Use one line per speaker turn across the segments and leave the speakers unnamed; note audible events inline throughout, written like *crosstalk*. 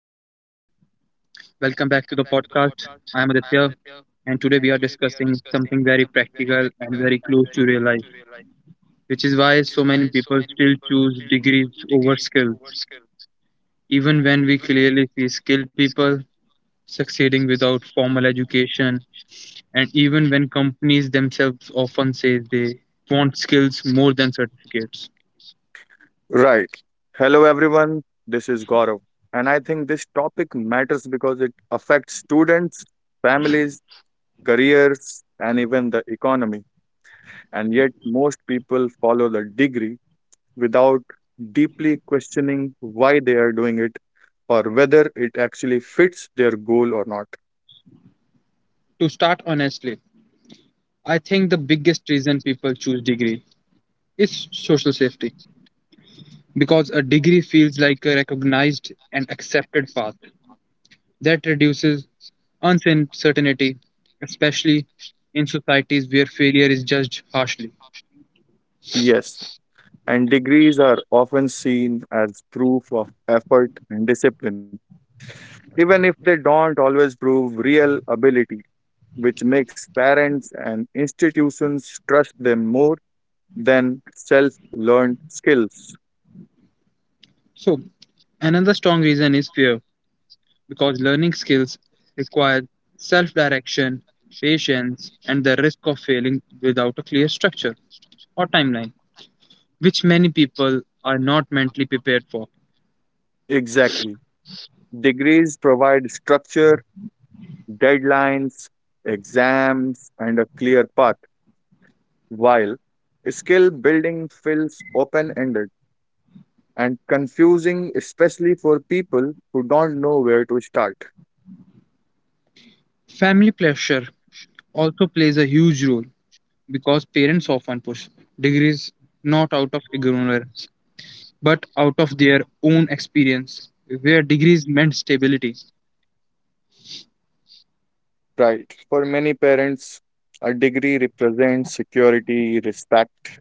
Welcome back to the podcast. I am Aditya, and today we are discussing something very practical and very close to real life, which is why so many people still choose degrees over skills, even when we clearly see skilled people succeeding without formal education, and even when companies themselves often say they want skills more than certificates.
Right. Hello, everyone. This is Gaurav. And I think this topic matters because it affects students, families, careers, and even the economy. And yet, most people follow the degree without deeply questioning why they are doing it or whether it actually fits their goal or not.
To start honestly, I think the biggest reason people choose degree is social safety because a degree feels like a recognized and accepted path that reduces uncertainty, especially in societies where failure is judged harshly.
Yes. And degrees are often seen as proof of effort and discipline, even if they don't always prove real ability which makes parents and institutions trust them more than self learned skills.
So, another strong reason is fear because learning skills require self direction, patience, and the risk of failing without a clear structure or timeline, which many people are not mentally prepared for.
Exactly. Degrees provide structure, deadlines, exams, and a clear path, while skill building feels open ended and confusing, especially for people who don't know where to start.
Family pressure also plays a huge role because parents often push degrees not out of ignorance but out of their own experience where degrees meant stability.
Right. For many parents, a degree represents security, respect,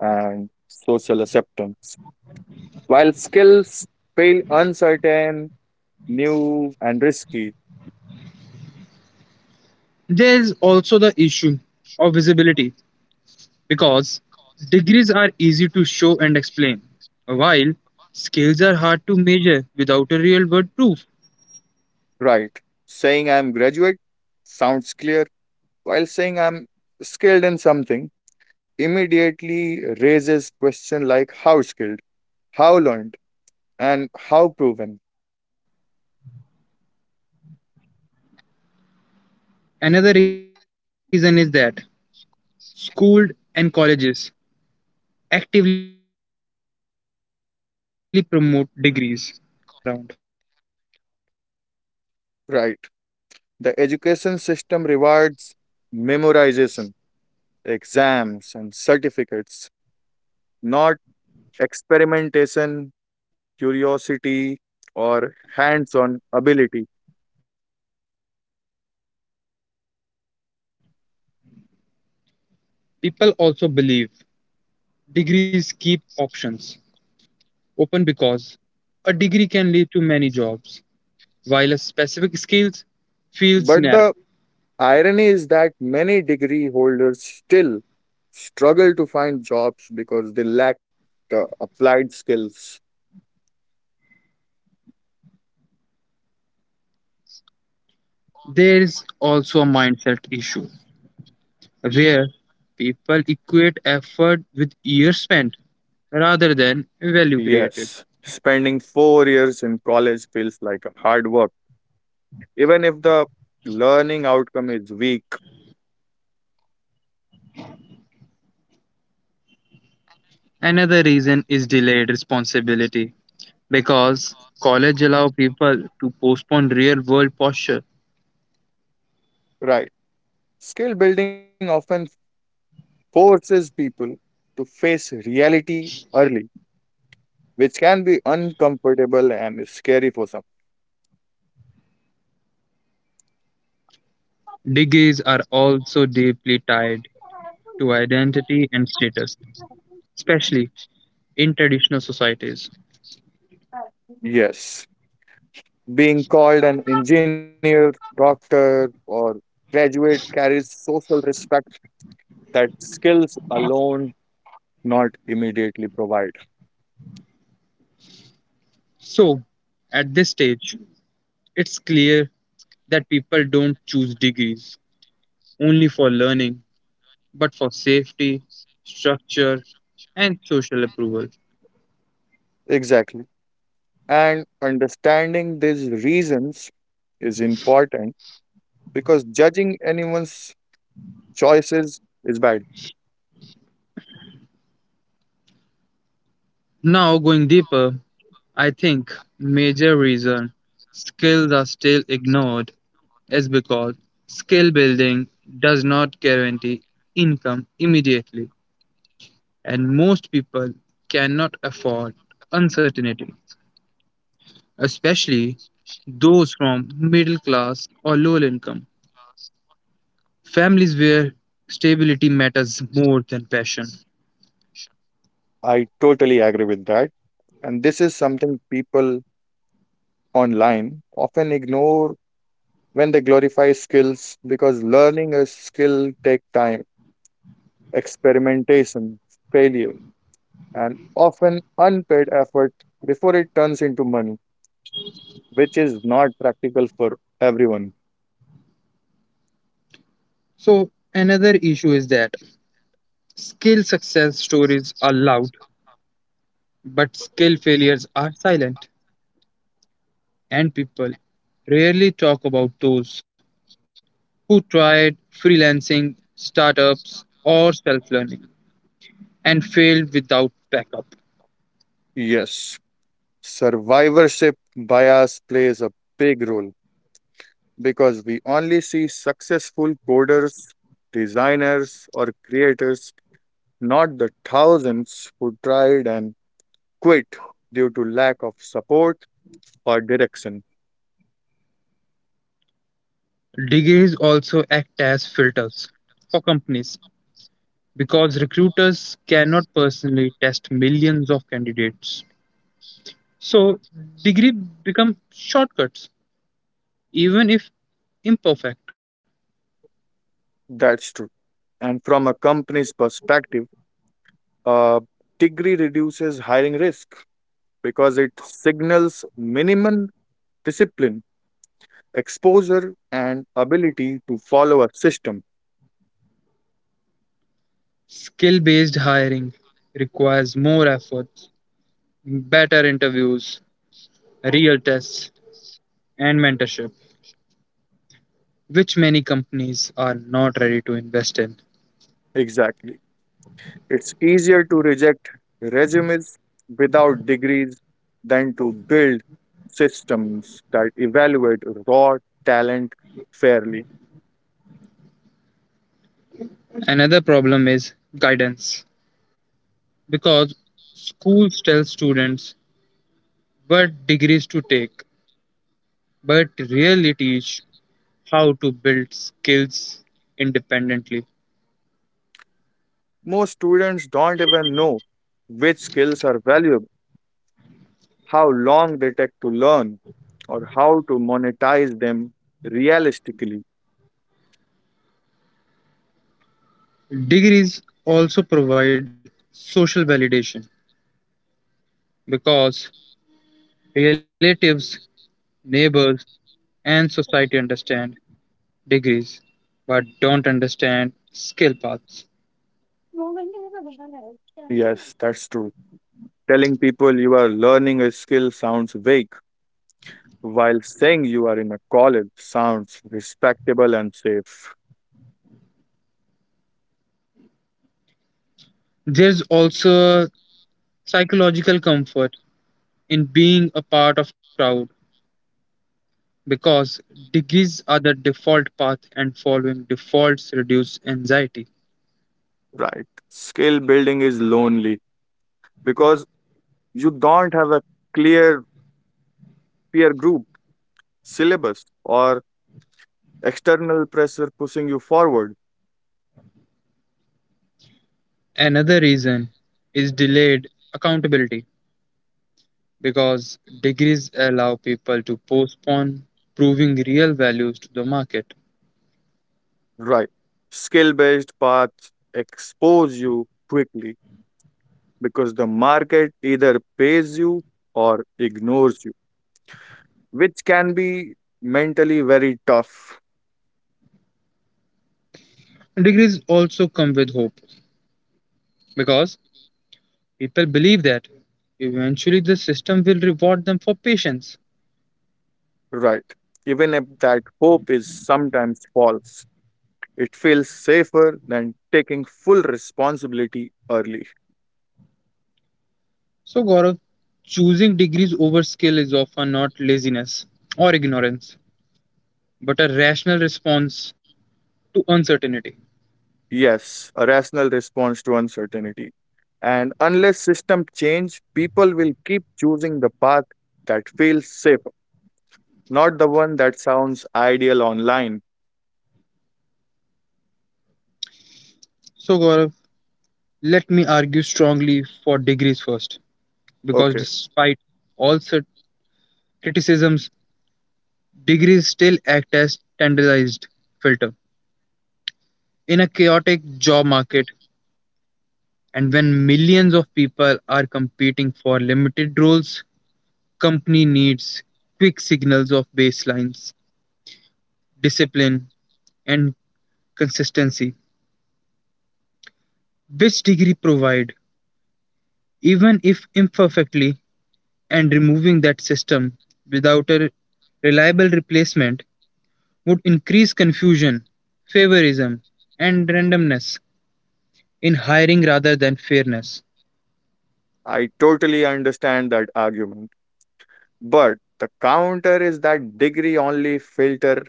and social acceptance. While skills feel uncertain, new, and risky,
There is also the issue of visibility because degrees are easy to show and explain, while skills are hard to measure without a real world proof.
right? Saying I'm graduate sounds clear, while saying I'm skilled in something immediately raises question like how skilled, how learned, and how proven,
Another reason is that schools and colleges actively promote degrees because that is the system they are built around.
right? The education system rewards memorization, exams, and certificates, not experimentation, curiosity, or hands on ability.
People also believe degrees keep options open because a degree can lead to many jobs, while a specific skills feels narrow.
But the Irony is that many degree holders still struggle to find jobs because they lack the applied skills.
There is also a mindset issue where people equate effort with years spent rather than value created.
Yes, spending 4 years in college feels like a hard work, even if the learning outcome is weak.
Another reason is delayed responsibility because college allow people to postpone real world posture.
Right. Skill building often forces people to face reality early, which can be uncomfortable and scary for some.
Degrees are also deeply tied to identity and status, especially in traditional societies.
Yes. Being called an engineer, doctor, or graduate carries social respect that skills alone not immediately provide.
So, at this stage, it's clear that people don't choose degrees only for learning, but for safety, structure, and social approval.
Exactly. And understanding these reasons is important because judging anyone's choices is bad.
Now, going deeper, I think major reason skills are still ignored is because skill building does not guarantee income immediately. And most people cannot afford uncertainty, especially those from middle class or low income families where stability matters more than passion.
I totally agree with that. And this is something people online often ignore when they glorify skills because learning a skill take time experimentation, failure, and often unpaid effort before it turns into money, which is not practical for everyone.
So, another issue is that skill success stories are loud, but skill failures are silent, and people rarely talk about those who tried freelancing, startups, or self learning and failed without backup.
Yes, survivorship bias plays a big role because we only see successful coders, designers, or creators, not the thousands who tried and quit due to lack of support or direction.
Degrees also act as filters for companies because recruiters cannot personally test millions of candidates. So, degree become shortcuts even if imperfect.
That's true. And from a company's perspective, Uh, degree reduces hiring risk because it signals minimum discipline, exposure, and ability to follow a system.
Skill-based hiring requires more effort, better interviews, real tests, and mentorship, which many companies are not ready to invest in.
Exactly. It's easier to reject resumes without degrees than to build systems that evaluate raw talent fairly.
Another problem is guidance because schools tell students but degrees to take, but really teach how to build skills independently.
Most students don't even know which skills are valuable how long they take to learn, or how to monetize them realistically.
Degrees also provide social validation because relatives, neighbors, and society understand degrees but don't understand skill paths.
Yes, *laughs* that's true. Telling people you are learning a skill sounds vague, while saying you are in a college sounds respectable and safe.
There's also psychological comfort in being a part of crowd because degrees are the default path and following defaults reduce anxiety.
Right. Skill building is lonely because you don't have a clear peer group, syllabus, or external pressure pushing you forward.
Another reason is delayed accountability because degrees allow people to postpone proving real values to the market.
Right. Skill based paths expose you quickly because the market either pays you or ignores you, which can be mentally very tough.
Degrees also come with hope because people believe that eventually the system will reward them for patience.
Right. Even if that hope is sometimes false, it feels safer than taking full responsibility early.
So, Gaurav, choosing degrees over skill is often not laziness or ignorance, but a rational response to uncertainty.
Yes, a rational response to uncertainty. And unless system change, people will keep choosing the path that feels safe not the one that sounds ideal online.
So, Gaurav, let me argue strongly for degrees first because
Okay,
despite all such criticisms, degrees still act as standardized filter. In a chaotic job market, and when millions of people are competing for limited roles, company needs quick signals of baselines, discipline, and consistency, which degree provide, even if imperfectly, and removing that system without a reliable replacement would increase confusion, favorism, and randomness in hiring rather than fairness.
I totally understand that argument. But the counter is that degree only filter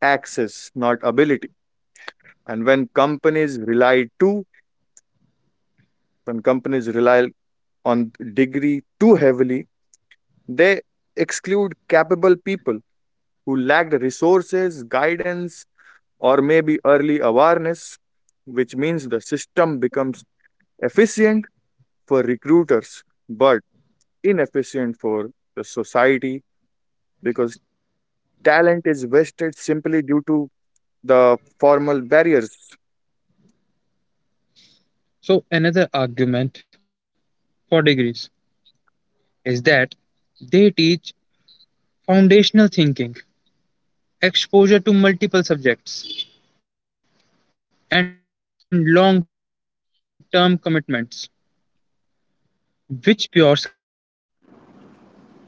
access, not ability. And when companies rely on degree too heavily, they exclude capable people who lacked resources, guidance, or maybe early awareness, which means the system becomes efficient for recruiters but inefficient for the society because talent is wasted simply due to the formal barriers.
So, another argument for degrees is that they teach foundational thinking, exposure to multiple subjects, and long term commitments, which pure skills learning often ignores because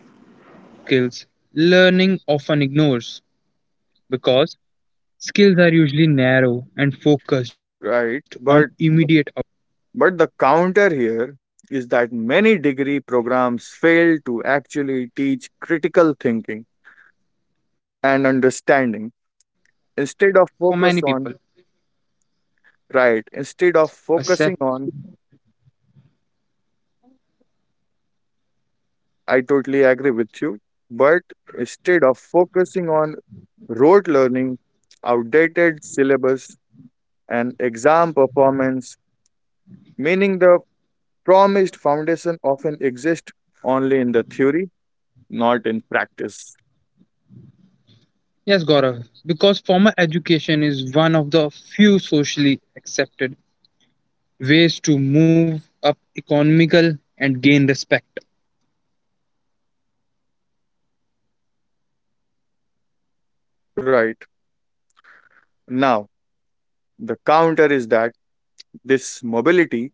skills are usually narrow and focused on immediate outcomes.
Right, but the- but the counter here is that many degree programs fail to actually teach
Degrees
critical
also
thinking
provide social mobility
and understanding
for many
instead of
people.
focus on right, instead of
Accept.
focusing on, I totally agree with you, but instead of focusing on rote learning outdated syllabus and exam performance, meaning the promised foundation often exists only in the theory, not in practice.
Yes, Gaurav, because formal education is one of the few socially accepted ways to move up economical and gain respect.
Right. Now, the counter is that this mobility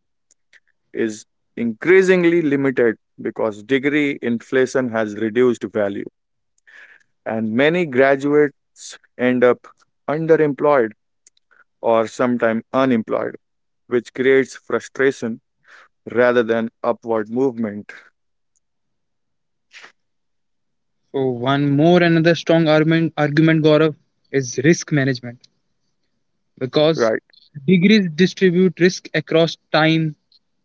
is increasingly limited because degree inflation has reduced value, and many graduates end up underemployed or sometimes unemployed, which creates frustration rather than upward movement.
So, one more another strong argument, Gaurav, is risk management because
Right.
degrees distribute risk across time,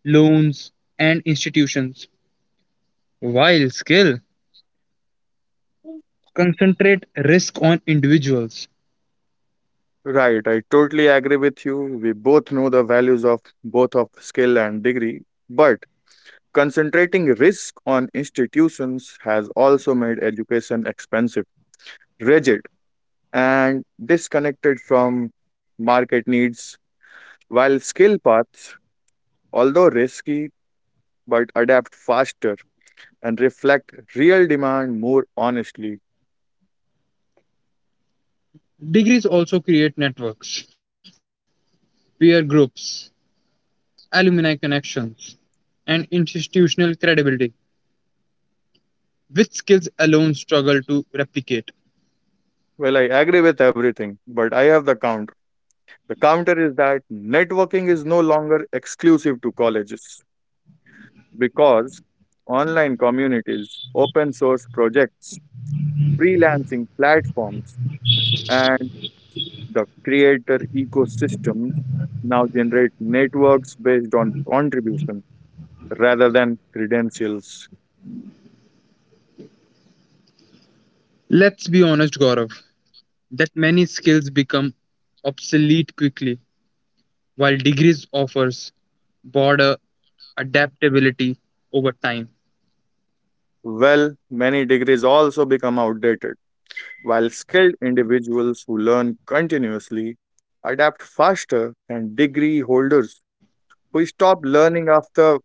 loans and institutions while skill concentrate risk on individuals.
Right, I totally agree with you. We both know the values of both of skill and degree, but concentrating risk on institutions has also made education expensive, rigid, and disconnected from market needs, while skill paths, although risky, but adapt faster and reflect real demand more honestly.
Degrees also create networks, peer groups, alumni connections and institutional credibility, which skills alone struggle to replicate.
Well, I agree with everything, but I have the counter. The counter is that networking is no longer exclusive to colleges, because online communities, open source projects, freelancing platforms, and the creator ecosystem now generate networks based on contribution rather than credentials.
Let's be honest, Gaurav, that many skills become obsolete quickly, while degrees offers broader adaptability over time.
Well, many degrees also become outdated, while skilled individuals who learn continuously adapt faster, and degree holders who stop learning after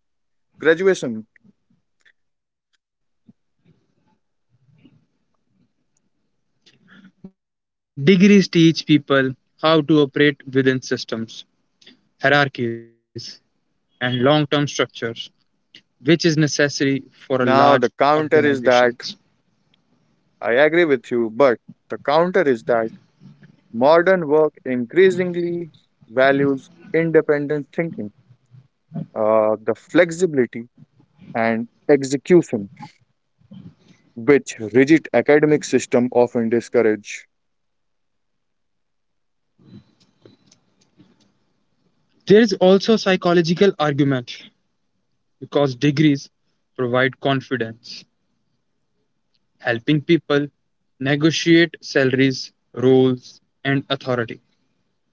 graduation.
Degrees teach people how to operate within systems, hierarchies, and long-term structures, which is necessary for a large organizations.
Now, the counter is that I agree with you, but the counter is that modern work increasingly values independent thinking, the flexibility and execution, which rigid academic system often discourage.
There is also a psychological argument because degrees provide confidence, helping people negotiate salaries, roles, and authority.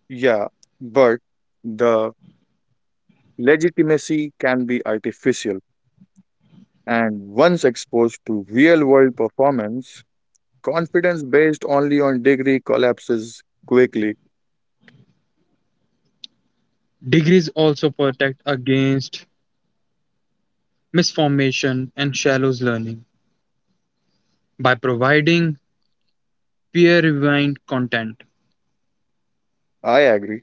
Yeah, but the legitimacy can be artificial, and once exposed to real-world performance, confidence based only on degree collapses quickly.
Degrees also protect against misformation and shallow learning by providing peer reviewed content.
I agree.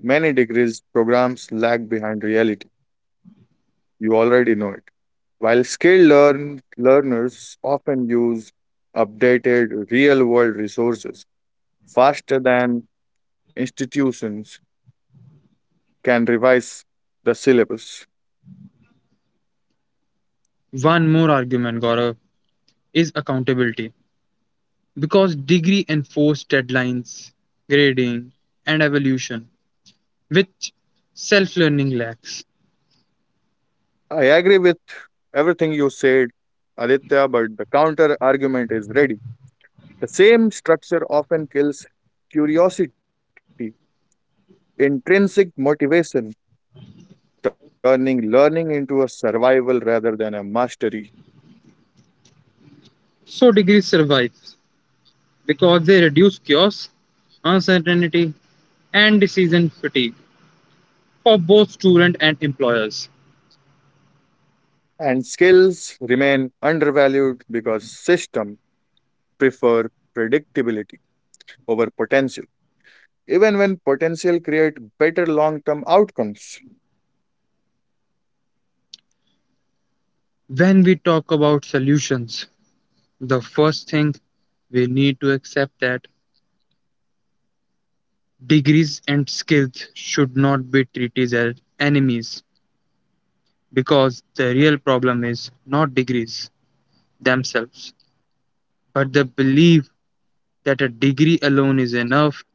Many degrees programs lag behind reality. You already know it. While skilled learners often use updated real world resources faster than institutions can revise the syllabus.
One more argument, Gaurav, is accountability because degree enforce deadlines, grading, and evolution, which self learning lacks.
I agree with everything you said, Aditya, but the counter argument is ready. The same structure often kills curiosity, intrinsic motivation, turning learning into a survival rather than a mastery.
So, degree survives because they reduce chaos, uncertainty, and decision fatigue for both students and employers.
And skills remain undervalued because systems prefer predictability over potential, even when potential create better long-term outcomes.
When we talk about solutions, the first thing we need to accept that degrees and skills should not be treated as enemies because the real problem is not degrees themselves, but the belief that a degree alone is enough,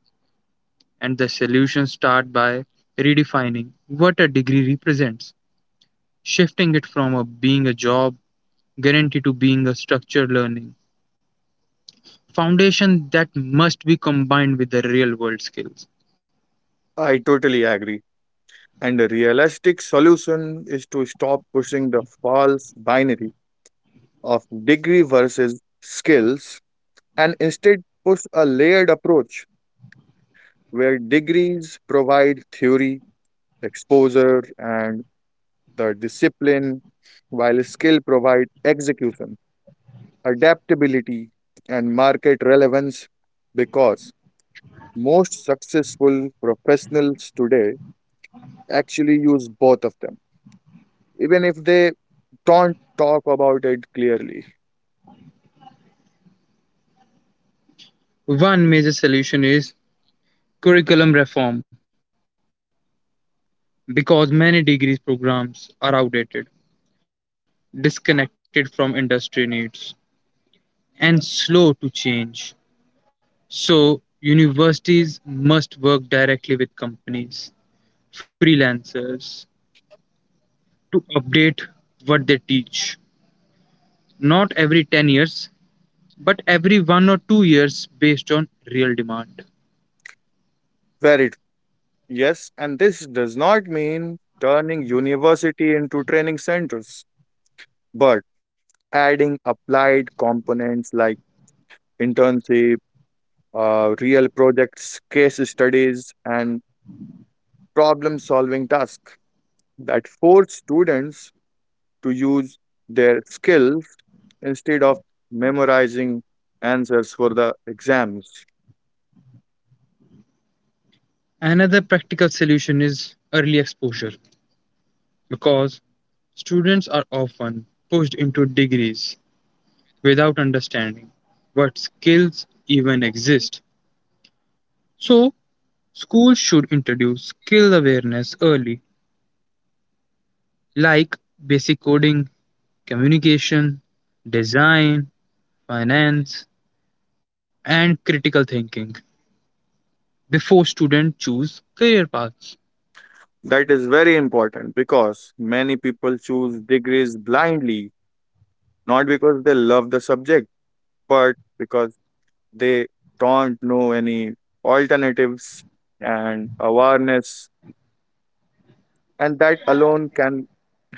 and the solutions start by redefining what a degree represents, shifting it from a being a job guarantee to being a structured learning foundation that must be combined with the real world skills.
I totally agree. And a realistic solution is to stop pushing the false binary of degree versus skills and instead push a layered approach where degrees provide theory, exposure, and the discipline, while skill provide execution adaptability, and market relevance because most successful professionals today actually use both of them, even if they don't talk about it clearly.
One major solution is curriculum reform because many degrees programs are outdated, disconnected from industry needs, and slow to change. So, universities must work directly with companies, freelancers to update what they teach. Not every 10 years, but every one or two years based on real demand.
Very true. Yes, and this does not mean turning university into training centers, but adding applied components like internship, real projects, case studies, and problem solving tasks that force students to use their skills instead of memorizing answers for the exams.
Another practical solution is early exposure because students are often pushed into degrees without understanding what skills even exist. So, schools should introduce skill awareness early, like basic coding, communication, design, finance, and critical thinking before students choose career paths.
That is very important because many people choose degrees blindly, not because they love the subject, but because they don't know any alternatives and awareness. And that alone can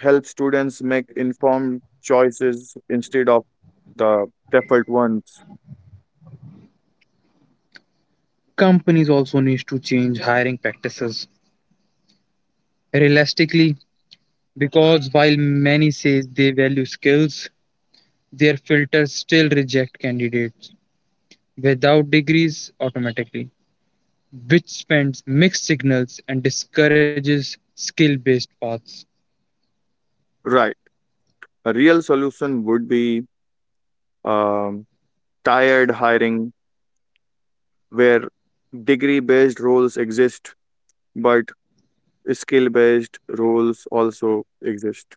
help students make informed choices instead of the default ones.
Companies also need to change hiring practices realistically because while many say they value skills, their filters still reject candidates without degrees automatically, which sends mixed signals and discourages skill based paths.
Right. A real solution would be um, tired hiring where degree based roles exist but skill based roles also exist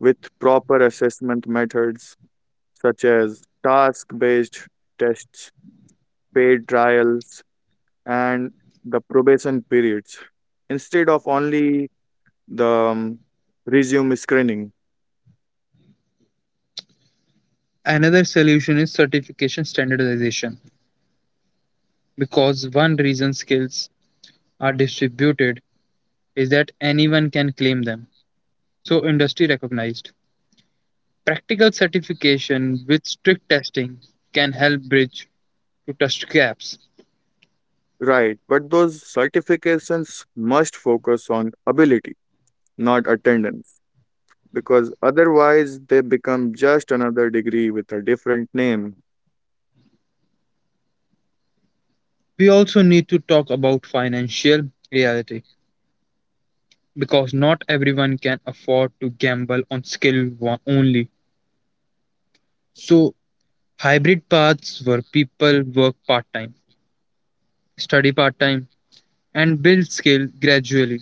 with proper assessment methods such as task based tests, paid trials, and the probation periods instead of only the resume screening.
Another solution is certification standardization because one reason skills are distributed is that anyone can claim them, so industry recognized practical certification with strict testing can help bridge to test gaps.
Right, but those certifications must focus on ability not attendance because otherwise they become just another degree with a different name.
We also need to talk about financial reality because not everyone can afford to gamble on only. So, hybrid paths where people work part time, study part time, and build skill gradually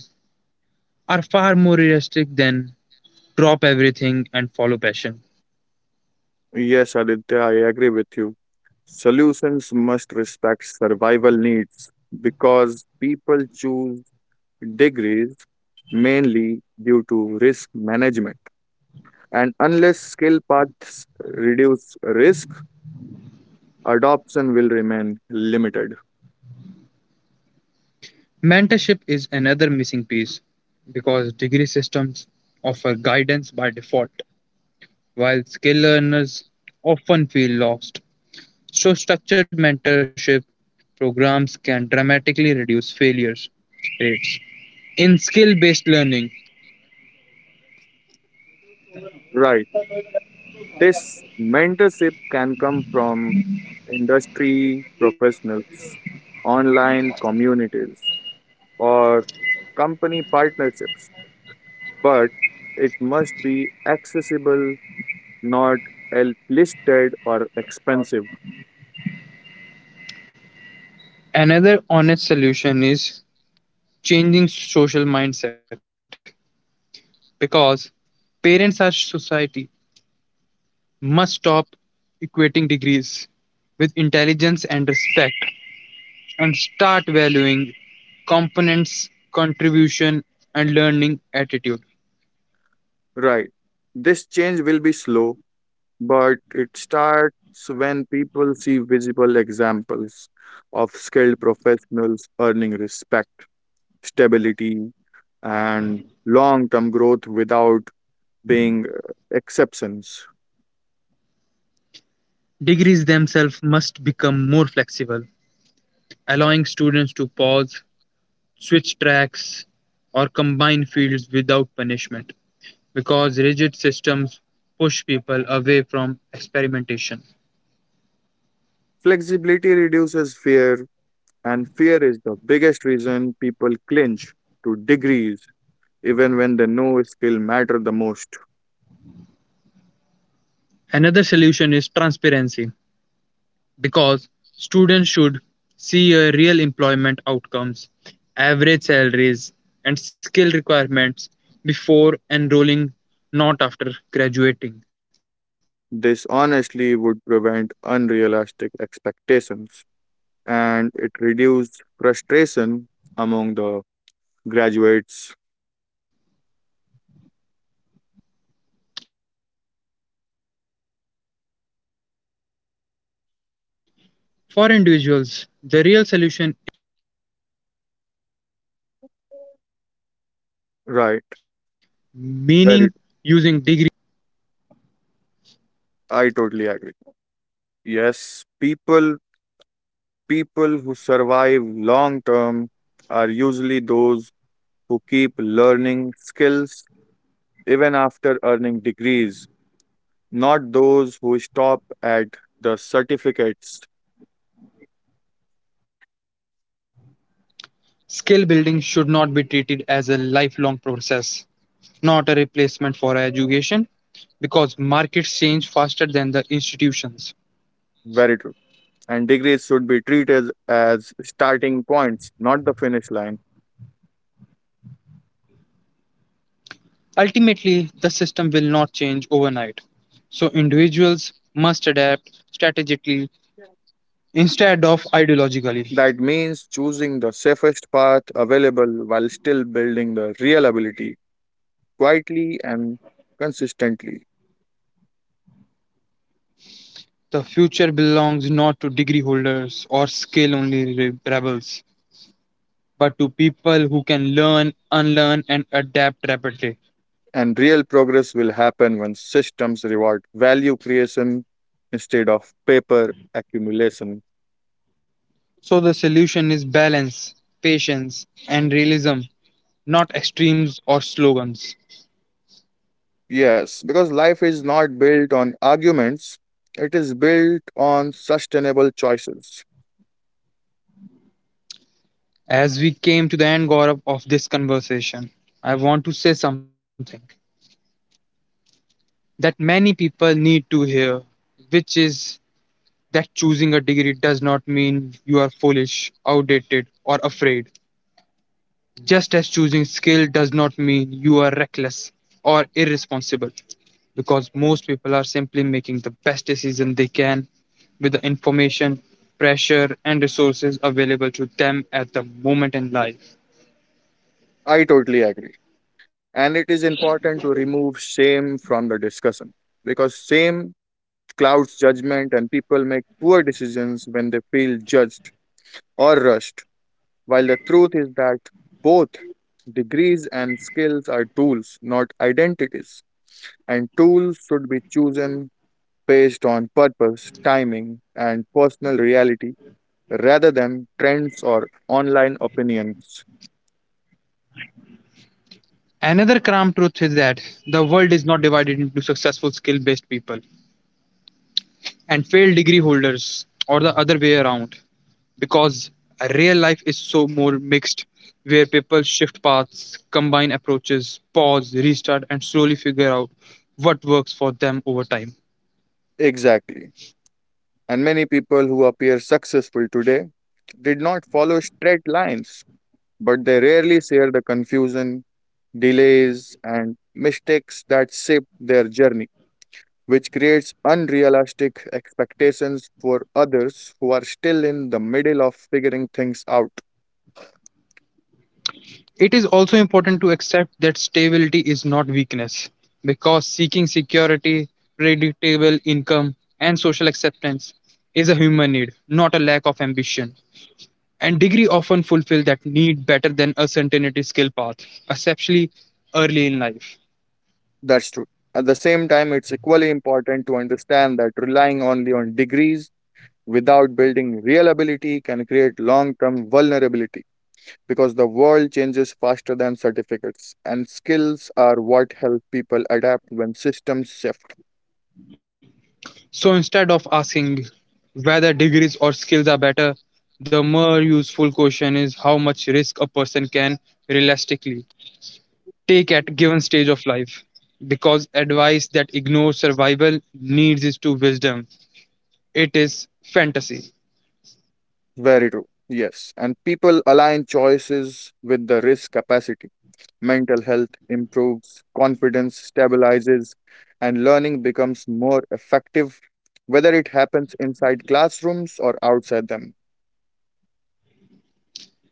are far more realistic than drop everything and follow passion.
Yes, Aditya, I agree with you. Solutions must respect survival needs because people choose degrees mainly due to risk management. And unless skill paths reduce risk, adoption will remain limited.
Mentorship is another missing piece because degree systems offer guidance by default, while skill learners often feel lost. So, structured mentorship programs can dramatically reduce failures rates in skill based learning.
Right. This mentorship can come from industry professionals, online communities, or company partnerships, but it must be accessible, not listed or expensive.
Another honest solution is changing social mindset because parents and society must stop equating degrees with intelligence and respect, and start valuing components, contribution, and learning attitude.
Right. This change will be slow, but it starts when people see visible examples of skilled professionals earning respect, stability, and long term growth without being exceptions.
Degrees themselves must become more flexible, allowing students to pause, switch tracks, or combine fields without punishment, because rigid systems push people away from experimentation.
Flexibility reduces fear, and fear is the biggest reason people clinch to degrees even when they know skill matter the most.
Another solution is transparency, because students should see a real employment outcomes, average salaries, and skill requirements before enrolling, not after graduating.
This honestly would prevent unrealistic expectations and it reduces frustration among the graduates.
For individuals, the real solution is not choosing one side, but stacking value, meaning using degrees to gain access and skills to gain
Right.
relevance.
Very I totally agree. Yes, people who survive long term are usually those who keep learning skills even after earning degrees not those who stop at the certificates.
Skill building should not be treated as a lifelong process, not a replacement for education because markets change faster than the institutions.
Very true. And degrees should be treated as starting points, not the finish line.
Ultimately, the system will not change overnight. So, individuals must adapt strategically instead of ideologically.
That means choosing the safest path available while still building the real ability quietly and consistently.
The future belongs not to degree holders or skill only rebels, but to people who can learn, unlearn, and adapt rapidly.
And real progress will happen when systems reward value creation instead of paper accumulation.
So, the solution is balance, patience, and realism, not extremes or slogans.
Yes, because life is not built on arguments, it is built on sustainable choices.
As we came to the end, Gaurav, of this conversation, I want to say something that many people need to hear, which is that choosing a degree does not mean you are foolish, outdated, or afraid. Just as choosing skill does not mean you are reckless or irresponsible, because most people are simply making the best decision they can with the information, pressure, and resources available to them at the moment in life.
I totally agree. And it is important to remove shame from the discussion because shame clouds judgment and people make poor decisions when they feel judged or rushed. While the truth is that both degrees and skills are tools, not identities, and tools should be chosen based on purpose, timing, and personal reality rather than trends or online opinions.
Another cramped truth is that the world is not divided into successful skill based people and failed degree holders or the other way around because real life is so more mixed where people shift paths, combine approaches, pause, restart, and slowly figure out what works for them over time.
Exactly. And many people who appear successful today did not follow straight lines, but they rarely share the confusion, delays, and mistakes that shape their journey, which creates unrealistic expectations for others who are still in the middle of figuring things out.
It is also important to accept that stability is not weakness because seeking security, predictable income, and social acceptance is a human need, not a lack of ambition, and degree often fulfill that need better than a certainty skill path, especially early in life.
That's true. At the same time, it's equally important to understand that relying only on degrees without building real ability can create long term vulnerability because the world changes faster than certificates, and skills are what help people adapt when systems shift.
So instead of asking whether degrees or skills are better, the more useful question is how much risk a person can realistically take at given stage of life. Because advice that ignores survival needs is to wisdom. It is fantasy.
Very true. Yes, and people align choices with the risk capacity. Mental health improves, confidence stabilizes, and learning becomes more effective, whether it happens inside classrooms or outside them.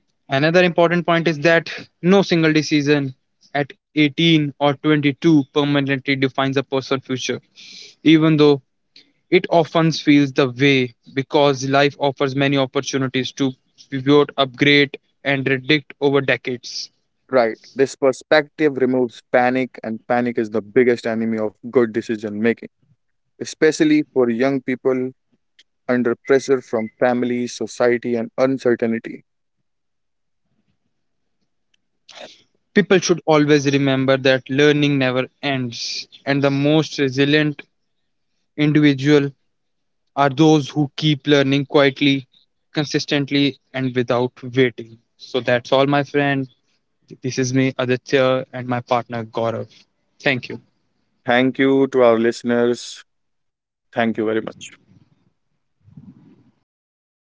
Another important point is that no single decision at 18 or 22 permanently defines a person's future, even though it often feels the way because life offers many opportunities to pivot, upgrade, and predict over decades.
Right. This perspective removes panic, and panic is the biggest enemy of good decision making, especially for young people under pressure from family, society, and uncertainty.
People should always remember that learning never ends, and the most resilient individual are those who keep learning quietly, consistently, and without waiting. So that's all, my friend. This is me, Aditya, and my partner, Gaurav. Thank you.
Thank you to our listeners. Thank you very much.